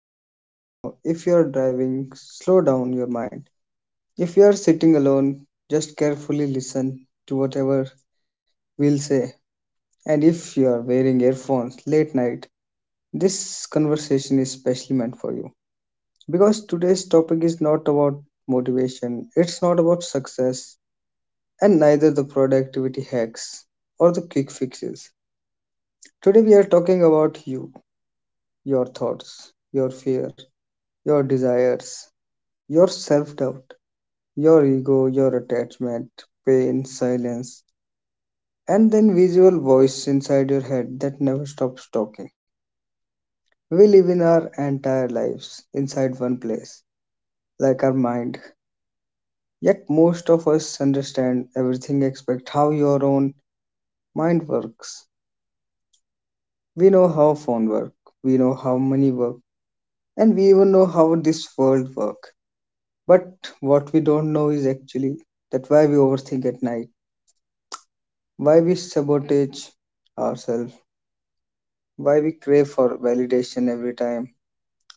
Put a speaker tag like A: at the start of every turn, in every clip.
A: you are right now, if you are driving, slow down your mind. If you are sitting alone, just carefully listen to whatever we'll say. And if you are wearing earphones late night, this conversation is specially meant for you. Because today's topic is not about motivation, it's not about success, and neither the productivity hacks or the quick fixes. Today we are talking about you, your thoughts, your fear, your desires, your self-doubt, your ego, your attachment, pain, silence, and then visual voice inside your head that never stops talking. We live in our entire lives inside one place, like our mind. Yet most of us understand everything except how your own mind works. We know how phone work, we know how money work, and we even know how this world works. But what we don't know is actually that why we overthink at night, why we sabotage ourselves, why we crave for validation every time,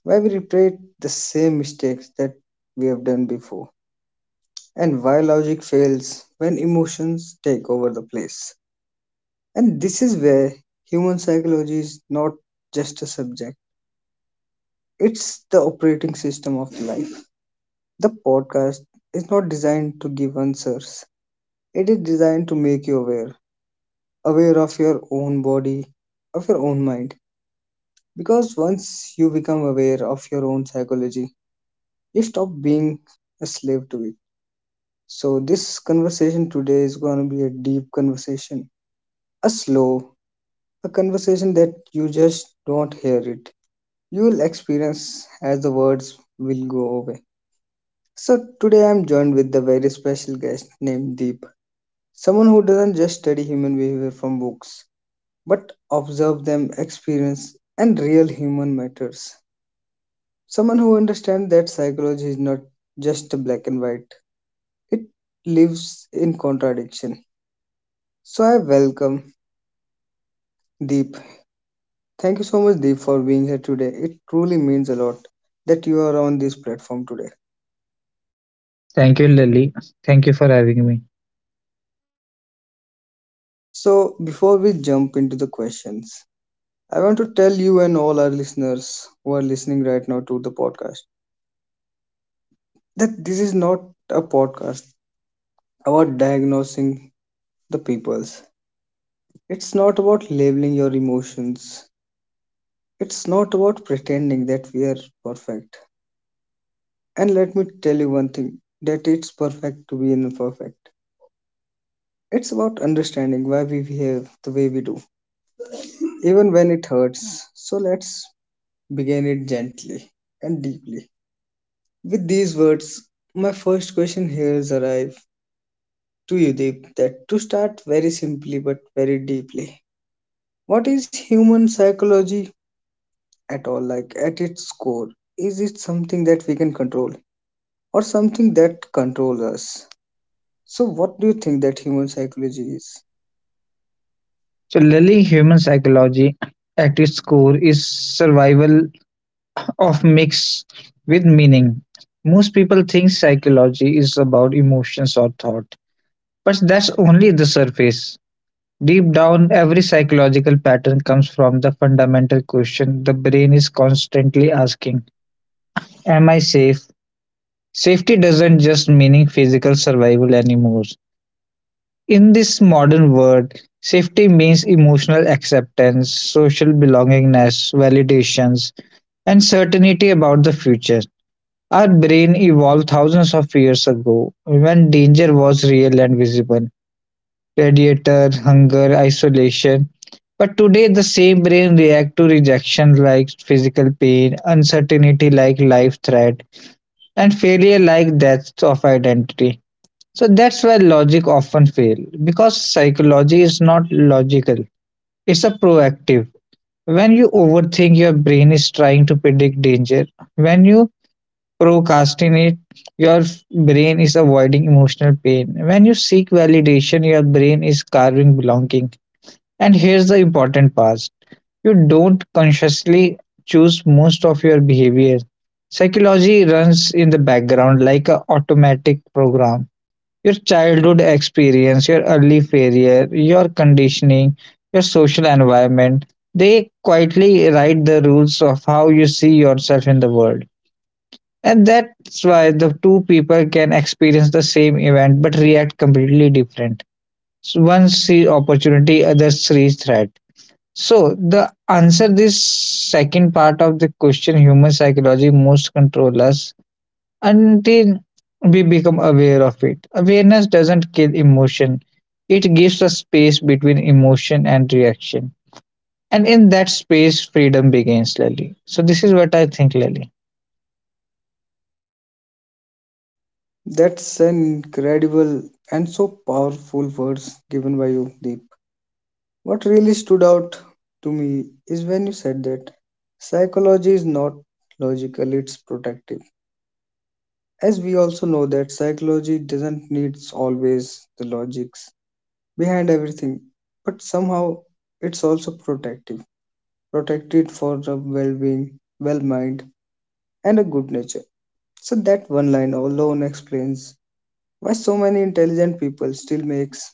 A: why we repeat the same mistakes that we have done before, and why logic fails when emotions take over the place. And this is where human psychology is not just a subject, it's the operating system of life. The podcast is not designed to give answers, it is designed to make you aware of your own body, of your own mind. Because once you become aware of your own psychology, you stop being a slave to it. So, this conversation today is going to be a deep conversation, a slow, a conversation that you just don't hear it. You will experience as the words will go away. So, today I'm joined with the very special guest named Deep, someone who doesn't just study human behavior from books, but observe them, experience, and real human matters. Someone who understands that psychology is not just black and white, it lives in contradiction. So I welcome Deep. Thank you so much, Deep, for being here today. It truly means a lot that you are on this platform today.
B: Thank you, Lily. Thank you for having me.
A: So before we jump into the questions, I want to tell you and all our listeners who are listening right now to the podcast that this is not a podcast about diagnosing the peoples. It's not about labeling your emotions. It's not about pretending that we are perfect. And let me tell you one thing, that it's perfect to be imperfect. It's about understanding why we behave the way we do, even when it hurts. So let's begin it gently and deeply. With these words, my first question here is arrive to you, Deep, that to start very simply but very deeply. What is human psychology at all, like at its core? Is it something that we can control or something that controls us? So what do you think that human psychology is?
B: So, Lily, human psychology at its core is survival of mix with meaning. Most people think psychology is about emotions or thought, but that's only the surface. Deep down, every psychological pattern comes from the fundamental question the brain is constantly asking, am I safe? Safety doesn't just mean physical survival anymore. In this modern world, safety means emotional acceptance, social belongingness, validations, and certainty about the future. Our brain evolved thousands of years ago when danger was real and visible, radiator, hunger, isolation. But today, the same brain reacts to rejection like physical pain, uncertainty like life threat, and failure like death of identity. So that's why logic often fail because psychology is not logical. It's a proactive. When you overthink, your brain is trying to predict danger. When you procrastinate, your brain is avoiding emotional pain. When you seek validation, your brain is carving belonging. And here's the important part, you don't consciously choose most of your behavior. Psychology runs in the background like an automatic program, your childhood experience, your early failure, your conditioning, your social environment, they quietly write the rules of how you see yourself in the world. And that's why the two people can experience the same event but react completely different. So one sees opportunity, others sees threat. So the answer this second part of the question, human psychology most control us until we become aware of it. Awareness doesn't kill emotion, it gives a space between emotion and reaction. And in that space, freedom begins, Lily. So, this is what I think, Lily.
A: That's an incredible and so powerful words given by you, Deep. What really stood out to me is when you said that psychology is not logical, it's protective. As we also know that psychology doesn't need always the logics behind everything, but somehow it's also protective, protected for the well-being, well-mind, and a good nature. So that one line alone explains why so many intelligent people still makes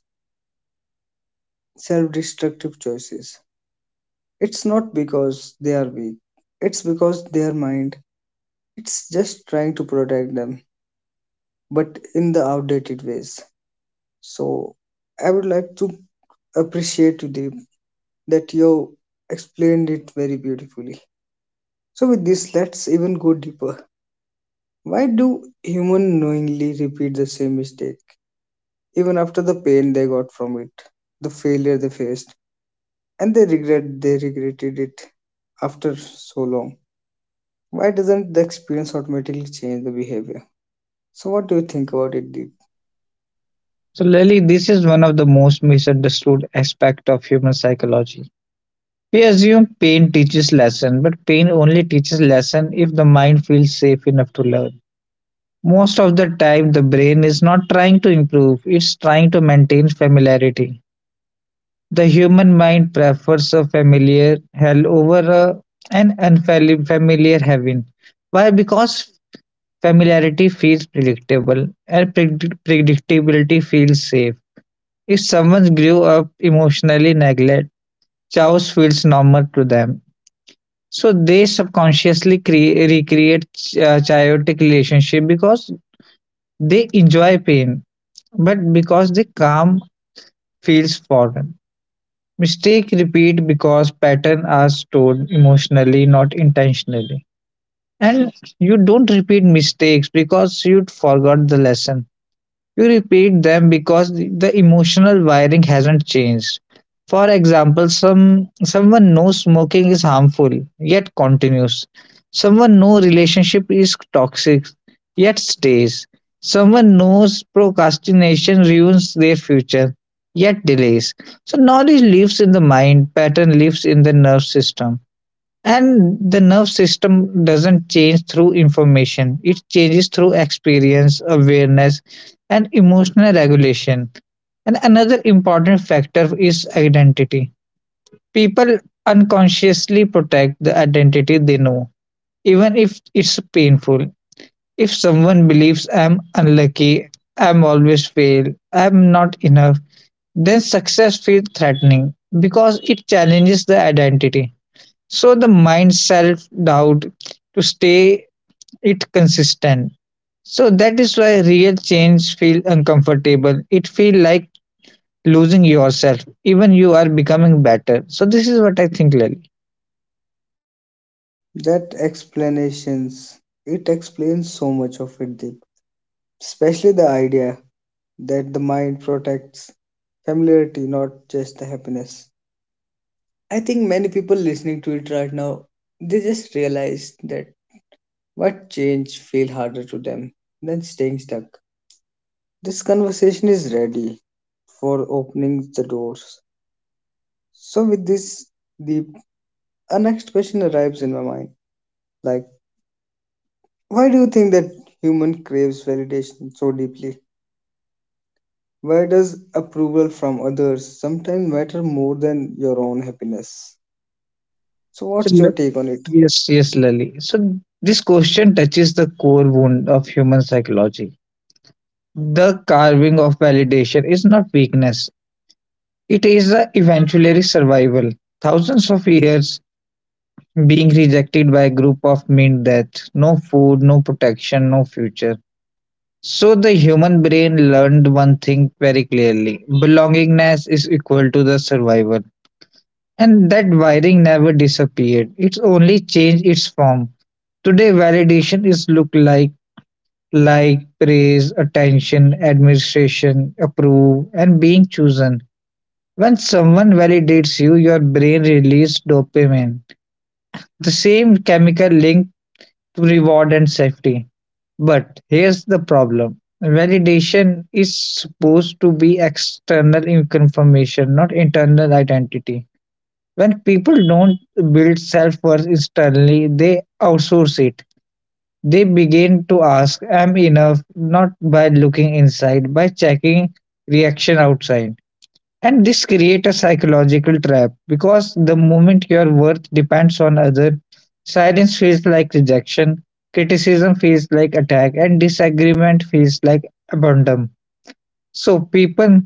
A: self-destructive choices. It's not because they are weak. It's because their mind, it's just trying to protect them, but in the outdated ways. So I would like to appreciate you, Deep, that you explained it very beautifully. So with this, let's even go deeper. Why do humans knowingly repeat the same mistake, even after the pain they got from it, the failure they faced, and they regret they regretted it after so long? Why doesn't the experience automatically change the behavior? So what do you think about it, Deep?
B: So, Lily, this is one of the most misunderstood aspect of human psychology. We assume pain teaches lesson, but pain only teaches lesson if the mind feels safe enough to learn. Most of the time, the brain is not trying to improve, it's trying to maintain familiarity. The human mind prefers a familiar hell over an unfamiliar heaven. Why? Because familiarity feels predictable and predictability feels safe. If someone grew up emotionally neglect, chaos feels normal to them. So they subconsciously recreate chaotic relationship because they enjoy pain, but because the calm feels foreign. Mistake repeat because patterns are stored emotionally, not intentionally. And you don't repeat mistakes because you forgot the lesson. You repeat them because the emotional wiring hasn't changed. For example, someone knows smoking is harmful yet continues. Someone knows relationship is toxic yet stays. Someone knows procrastination ruins their future yet delays. So knowledge lives in the mind, pattern lives in the nerve system. And the nerve system doesn't change through information, it changes through experience, awareness, and emotional regulation. And another important factor is identity. People unconsciously protect the identity they know, even if it's painful. If someone believes I'm unlucky, I'm always fail, I'm not enough, then success feels threatening because it challenges the identity, so the mind self doubt to stay it consistent. So that is why real change feel uncomfortable, it feel like losing yourself even you are becoming better. So this is what I think, Lali.
A: That explanations, it explains so much of it, Deep. Especially the idea that the mind protects familiarity, not just the happiness. I think many people listening to it right now, they just realize that what change feel harder to them than staying stuck. This conversation is ready for opening the doors. So with this, the a next question arrives in my mind. Like, why do you think that human craves validation so deeply? Why does approval from others sometimes matter more than your own happiness? So
B: so,
A: what's
B: le-
A: your take on it?
B: yes, Lali. So this question touches the core wound of human psychology. The carving of validation is not weakness, it is the eventually survival. Thousands of years being rejected by a group of meant that no food, no protection, no future. So the human brain learned one thing very clearly, belongingness is equal to the survival. And that wiring never disappeared, it's only changed its form. Today, validation is look like praise, attention, administration, approve, and being chosen. When someone validates you, your brain releases dopamine, the same chemical link to reward and safety. But here's the problem, validation is supposed to be external confirmation, not internal identity. When people don't build self worth externally, they outsource it. They begin to ask, am enough? Not by looking inside, by checking reaction outside. And this creates a psychological trap because the moment your worth depends on others, silence feels like rejection, criticism feels like attack, and disagreement feels like abandon. So people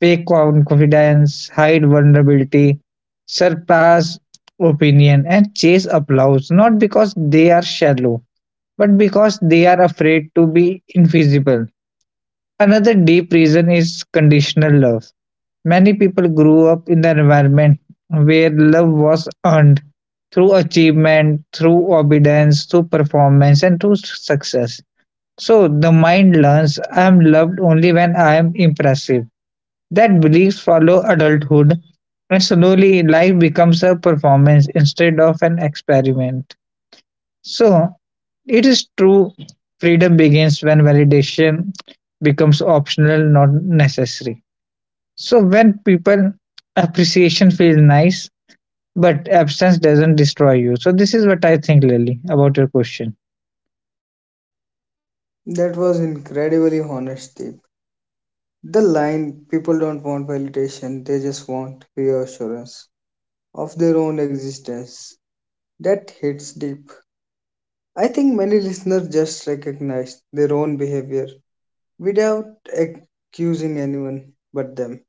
B: fake confidence, hide vulnerability, surpass opinion, and chase applause not because they are shallow, but because they are afraid to be invisible. Another deep reason is conditional love. Many people grew up in an environment where love was earned through achievement, through obedience, through performance, and through success. So the mind learns I am loved only when I am impressive. That beliefs follow adulthood, and slowly life becomes a performance instead of an experiment. So it is true freedom begins when validation becomes optional, not necessary. So when people appreciation feels nice, but absence doesn't destroy you. So this is what I think, Lily, about your question.
A: That was incredibly honest, Deep. The line, people don't want validation, they just want reassurance of their own existence. That hits deep. I think many listeners just recognize their own behavior without accusing anyone but them.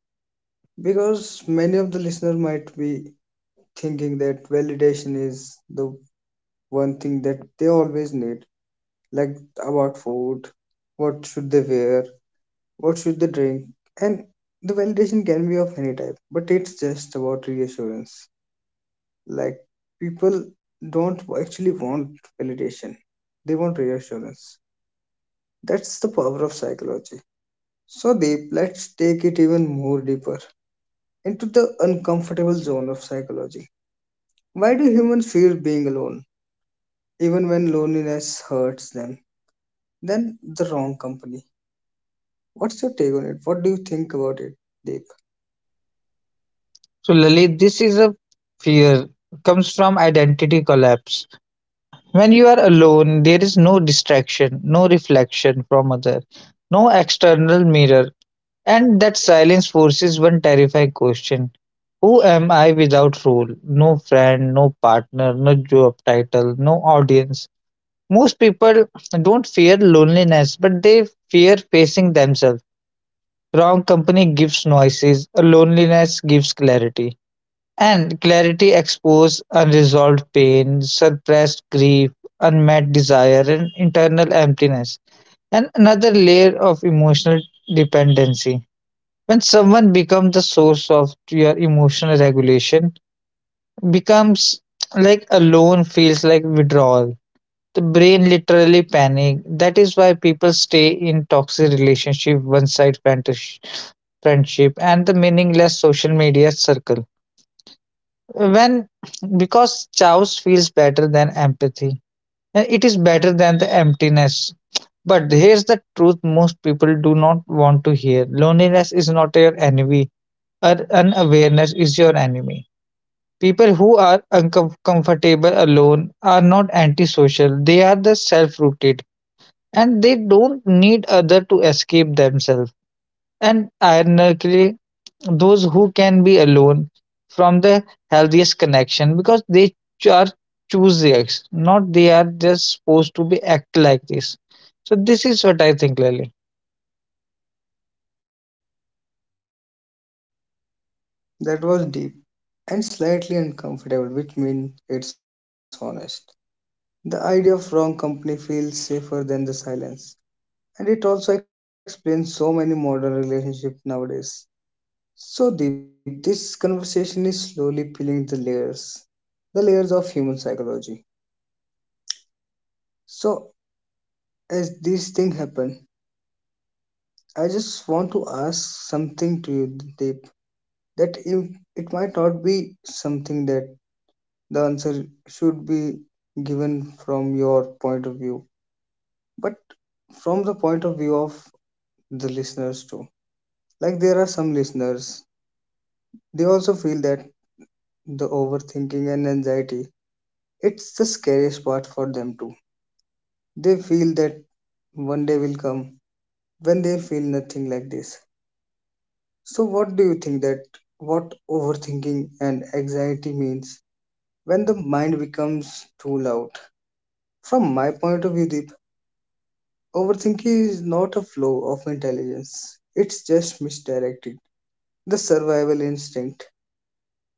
A: Because many of the listeners might be thinking that validation is the one thing that they always need, like about food, what should they wear, what should they drink, and the validation can be of any type, but it's just about reassurance. Like, people don't actually want validation, they want reassurance. That's the power of psychology. So Deep, let's take it even more deeper into the uncomfortable zone of psychology. Why do humans fear being alone, even when loneliness hurts them? Then the wrong company. What's your take on it? What do you think about it, Deep?
B: So Lily, this is a fear comes from identity collapse. When you are alone, there is no distraction, no reflection from other, no external mirror. And that silence forces one terrifying question, who am I without role? No friend, no partner, no job title, no audience. Most people don't fear loneliness, but they fear facing themselves. Wrong company gives noises, loneliness gives clarity. And clarity exposes unresolved pain, suppressed grief, unmet desire, and internal emptiness. And another layer of emotional dependency, when someone becomes the source of your emotional regulation becomes like alone feels like withdrawal, the brain literally panic. That is why people stay in toxic relationship, one side friendship, and the meaningless social media circle, when because chaos feels better than empathy and it is better than the emptiness. But here's the truth, most people do not want to hear, loneliness is not your enemy. Our unawareness is your enemy. People who are uncomfortable alone are not antisocial, they are the self rooted, and they don't need other to escape themselves. And ironically, those who can be alone from the healthiest connection because they ch- are choose the ex, not they are just supposed to be act like this. So this is what I think, Lily.
A: That was deep, and slightly uncomfortable, which means it's honest. The idea of wrong company feels safer than the silence, and it also explains so many modern relationships nowadays. So, Deep, this conversation is slowly peeling the layers of human psychology. So, as these things happen, I just want to ask something to you, Deep, that you, it might not be something that the answer should be given from your point of view, but from the point of view of the listeners too. Like, there are some listeners, they also feel that the overthinking and anxiety, it's the scariest part for them too. They feel that one day will come when they'll feel nothing like this. So what do you think that what overthinking and anxiety means when the mind becomes too loud? From my point of view, Deep, overthinking is not a flow of intelligence, it's just misdirected the survival instinct.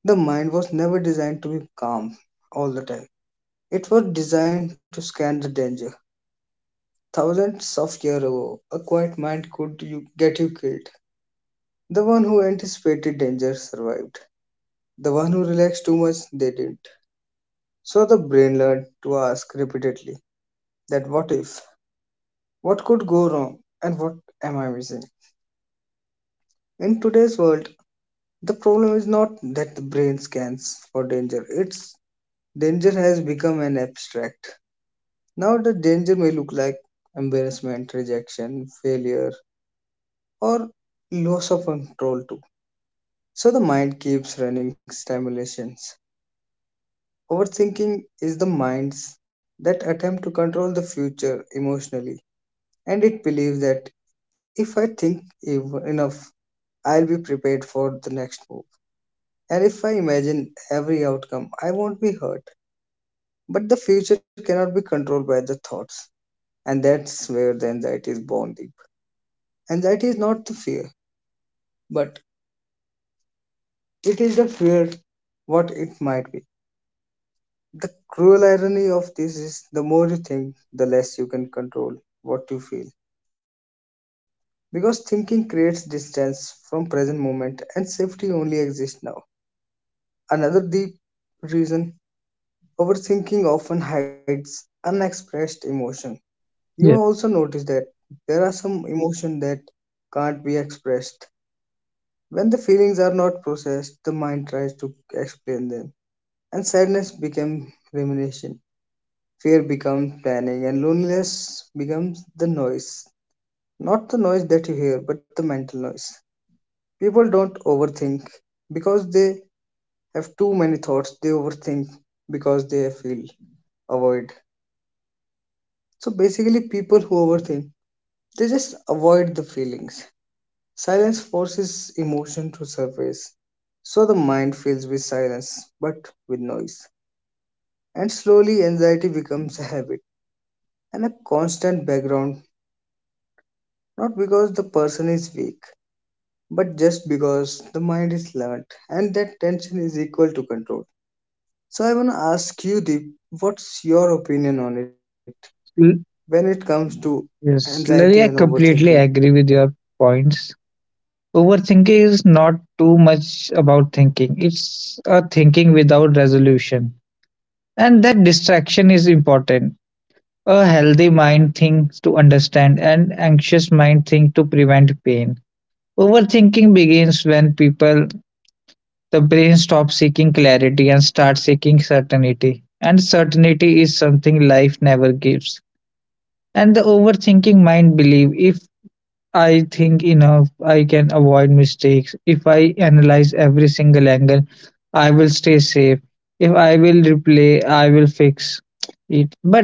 A: The mind was never designed to be calm all the time. It was designed to scan the danger. Thousands of years ago, a quiet mind could get you killed. The one who anticipated danger survived. The one who relaxed too much, they didn't. So the brain learned to ask repeatedly that what if, what could go wrong, and what am I missing? In today's world, the problem is not that the brain scans for danger, it's Danger has become an abstract. Now, the danger may look like embarrassment, rejection, failure, or loss of control, too. So, the mind keeps running stimulations. Overthinking is the mind's that attempt to control the future emotionally, and it believes that if I think enough, I'll be prepared for the next move. And if I imagine every outcome, I won't be hurt. But the future cannot be controlled by the thoughts, and that's where the anxiety is born, Deep. Anxiety is not the fear, but it is the fear what it might be. The cruel irony of this is the more you think, the less you can control what you feel. Because thinking creates distance from present moment and safety only exists now. Another deep reason, overthinking often hides unexpressed emotion. You may
B: Yes,
A: also notice that there are some emotion that can't be expressed. When the feelings are not processed, the mind tries to explain them, and sadness becomes rumination, fear becomes planning, and loneliness becomes the noise. Not the noise that you hear, but the mental noise. People don't overthink because they have too many thoughts, they overthink because they feel avoid. So basically, people who overthink, they just avoid the feelings. Silence forces emotion to surface, so the mind fills with silence but with noise. And slowly, anxiety becomes a habit and a constant background, not because the person is weak, but just because the mind is learned and that tension is equal to control. So, I want to ask you, Deep, what's your opinion on it
B: l-
A: when it comes to
B: yes,
A: anxiety and
B: Lily, I
A: overthinking?
B: completely agree with your points. Overthinking is not too much about thinking. It's a thinking without resolution. And that distraction is important. A healthy mind thinks to understand and anxious mind thinks to prevent pain. Overthinking begins when people the brain stops seeking clarity and starts seeking certainty. And certainty is something life never gives. And the overthinking mind believes if I think enough. I can avoid mistakes. If I analyze every single angle, I will stay safe. If I will replay, I will fix it. But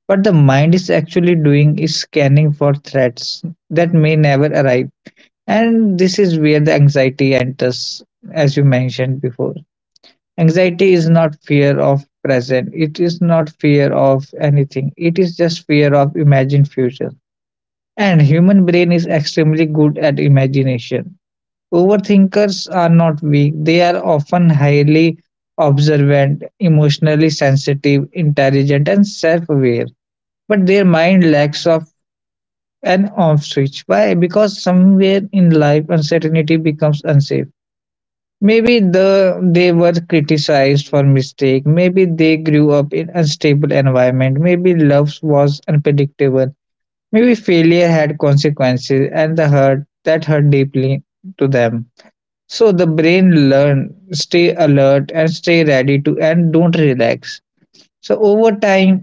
B: what the mind is actually doing is scanning for threats that may never arrive. And this is where the anxiety enters, as you mentioned before. Anxiety is not fear of present. It is not fear of anything. It is just fear of imagined future and human brain is extremely good at imagination. Overthinkers are not weak. They are often highly observant, emotionally sensitive, intelligent and self-aware. But their mind lacks of an off switch. Why? Because somewhere in life uncertainty becomes unsafe. Maybe they were criticized for mistake. Maybe they grew up in unstable environment. Maybe love was unpredictable. Maybe failure had consequences and the hurt that hurt deeply to them. So the brain learn, stay alert and stay ready to and don't relax. So over time,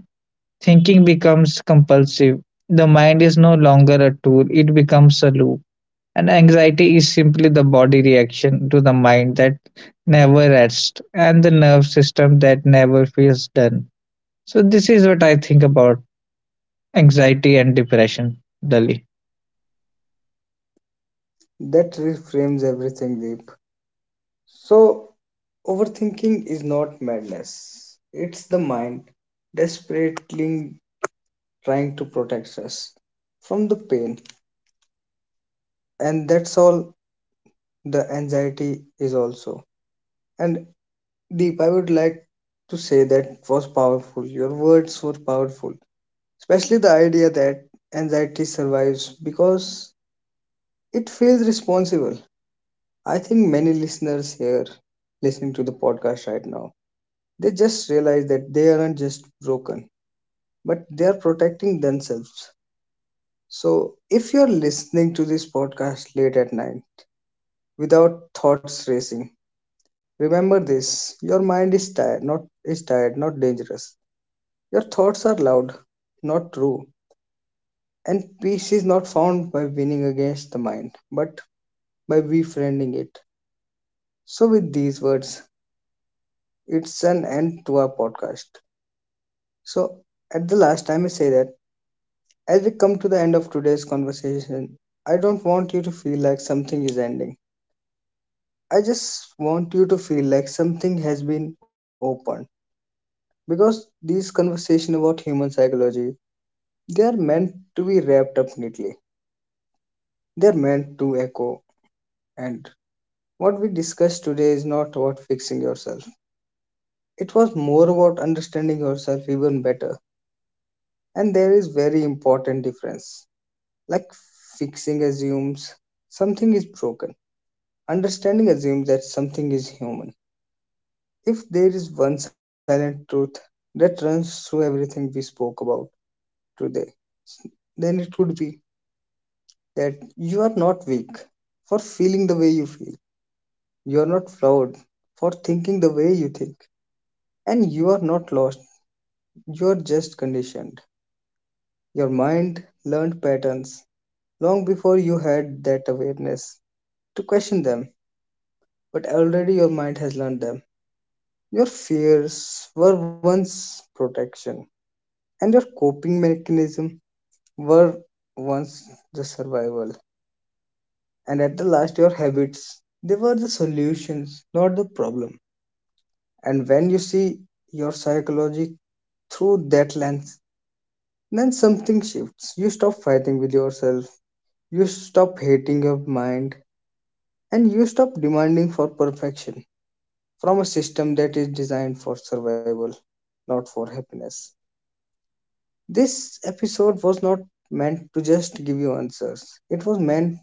B: thinking becomes compulsive. The mind is no longer a tool, it becomes a loop. And anxiety is simply the body reaction to the mind that never rests and the nerve system that never feels done. So this is what I think about anxiety and depression, Dali.
A: That reframes everything, Deep. So, overthinking is not madness, it's the mind desperately trying to protect us from the pain, and that's all the anxiety is also. And Deep, I would like to say that was powerful. Your words were powerful, especially the idea that anxiety survives because it feels responsible. I think many listeners here listening to the podcast right now, they just realize that they aren't just broken but they are protecting themselves. So, if you're listening to this podcast late at night without thoughts racing, remember this, your mind is tired, not dangerous. Your thoughts are loud, not true. And peace is not found by winning against the mind, but by befriending it. So, with these words, it's an end to our podcast. So, at the last, I may say that as we come to the end of today's conversation, I don't want you to feel like something is ending. I just want you to feel like something has been opened. Because these conversations about human psychology, they are meant to be wrapped up neatly. They are meant to echo. And what we discussed today is not about fixing yourself. It was more about understanding yourself even better. And there is very important difference. Like fixing assumes something is broken. Understanding assumes that something is human. If there is one silent truth that runs through everything we spoke about today, then it would be that you are not weak for feeling the way you feel. You are not flawed for thinking the way you think. And you are not lost. You are just conditioned. Your mind learned patterns long before you had that awareness to question them, but already your mind has learned them. Your fears were once protection, and your coping mechanism were once the survival, and at the last your habits, they were the solutions, not the problem. And when you see your psychology through that lens, then something shifts. You stop fighting with yourself, you stop hating your mind, and you stop demanding for perfection from a system that is designed for survival, not for happiness. This episode was not meant to just give you answers. It was meant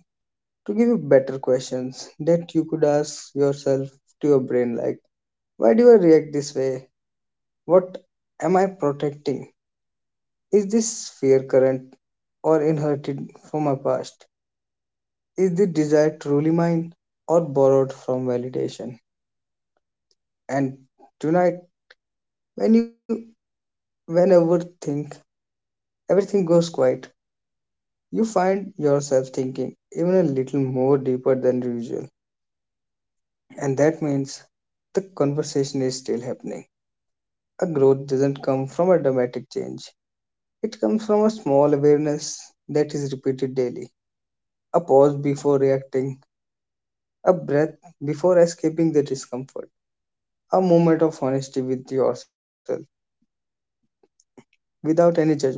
A: to give you better questions that you could ask yourself, to your brain, like, why do I react this way? What am I protecting? Is this fear current or inherited from my past? Is the desire truly mine or borrowed from validation? And tonight, when you, whenever think everything goes quiet, you find yourself thinking even a little more deeper than usual, and that means the conversation is still happening. A growth doesn't come from a dramatic change. It comes from a small awareness that is repeated daily. A pause before reacting, a breath before escaping the discomfort, a moment of honesty with yourself without any judgment.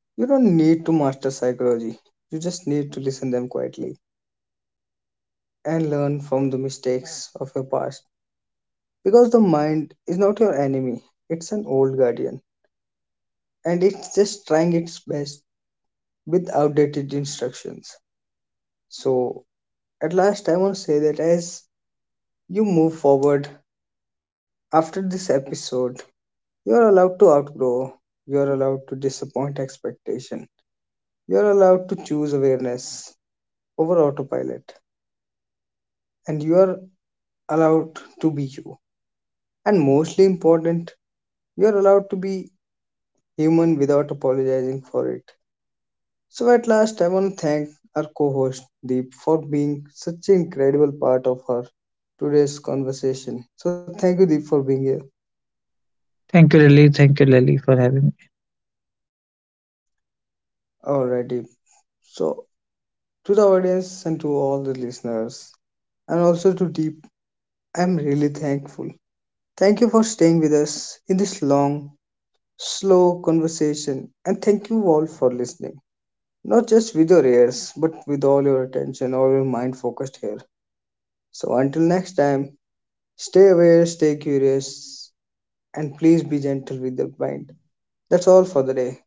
A: You don't need to master psychology. You just need to listen them quietly and learn from the mistakes of your past, because the mind is not your enemy. It's an old guardian, and it's just trying its best with outdated instructions. So, at last, I want to say that as you move forward after this episode, you are allowed to outgrow, you are allowed to disappoint expectation, you are allowed to choose awareness over autopilot, and you are allowed to be you. And mostly important, you are allowed to be human without apologizing for it. So, at last, I want to thank our co host Deep for being such an incredible part of our today's conversation. So, thank you, Deep, for being here.
B: Thank you, Lily. Thank you, Lily, for having me.
A: Alright, Deep. So, to the audience and to all the listeners, and also to Deep, I'm really thankful. Thank you for staying with us in this long, slow conversation, and thank you all for listening. Not just with your ears, but with all your attention, all your mind focused here. So, until next time, stay aware, stay curious, and please be gentle with your mind. That's all for the day.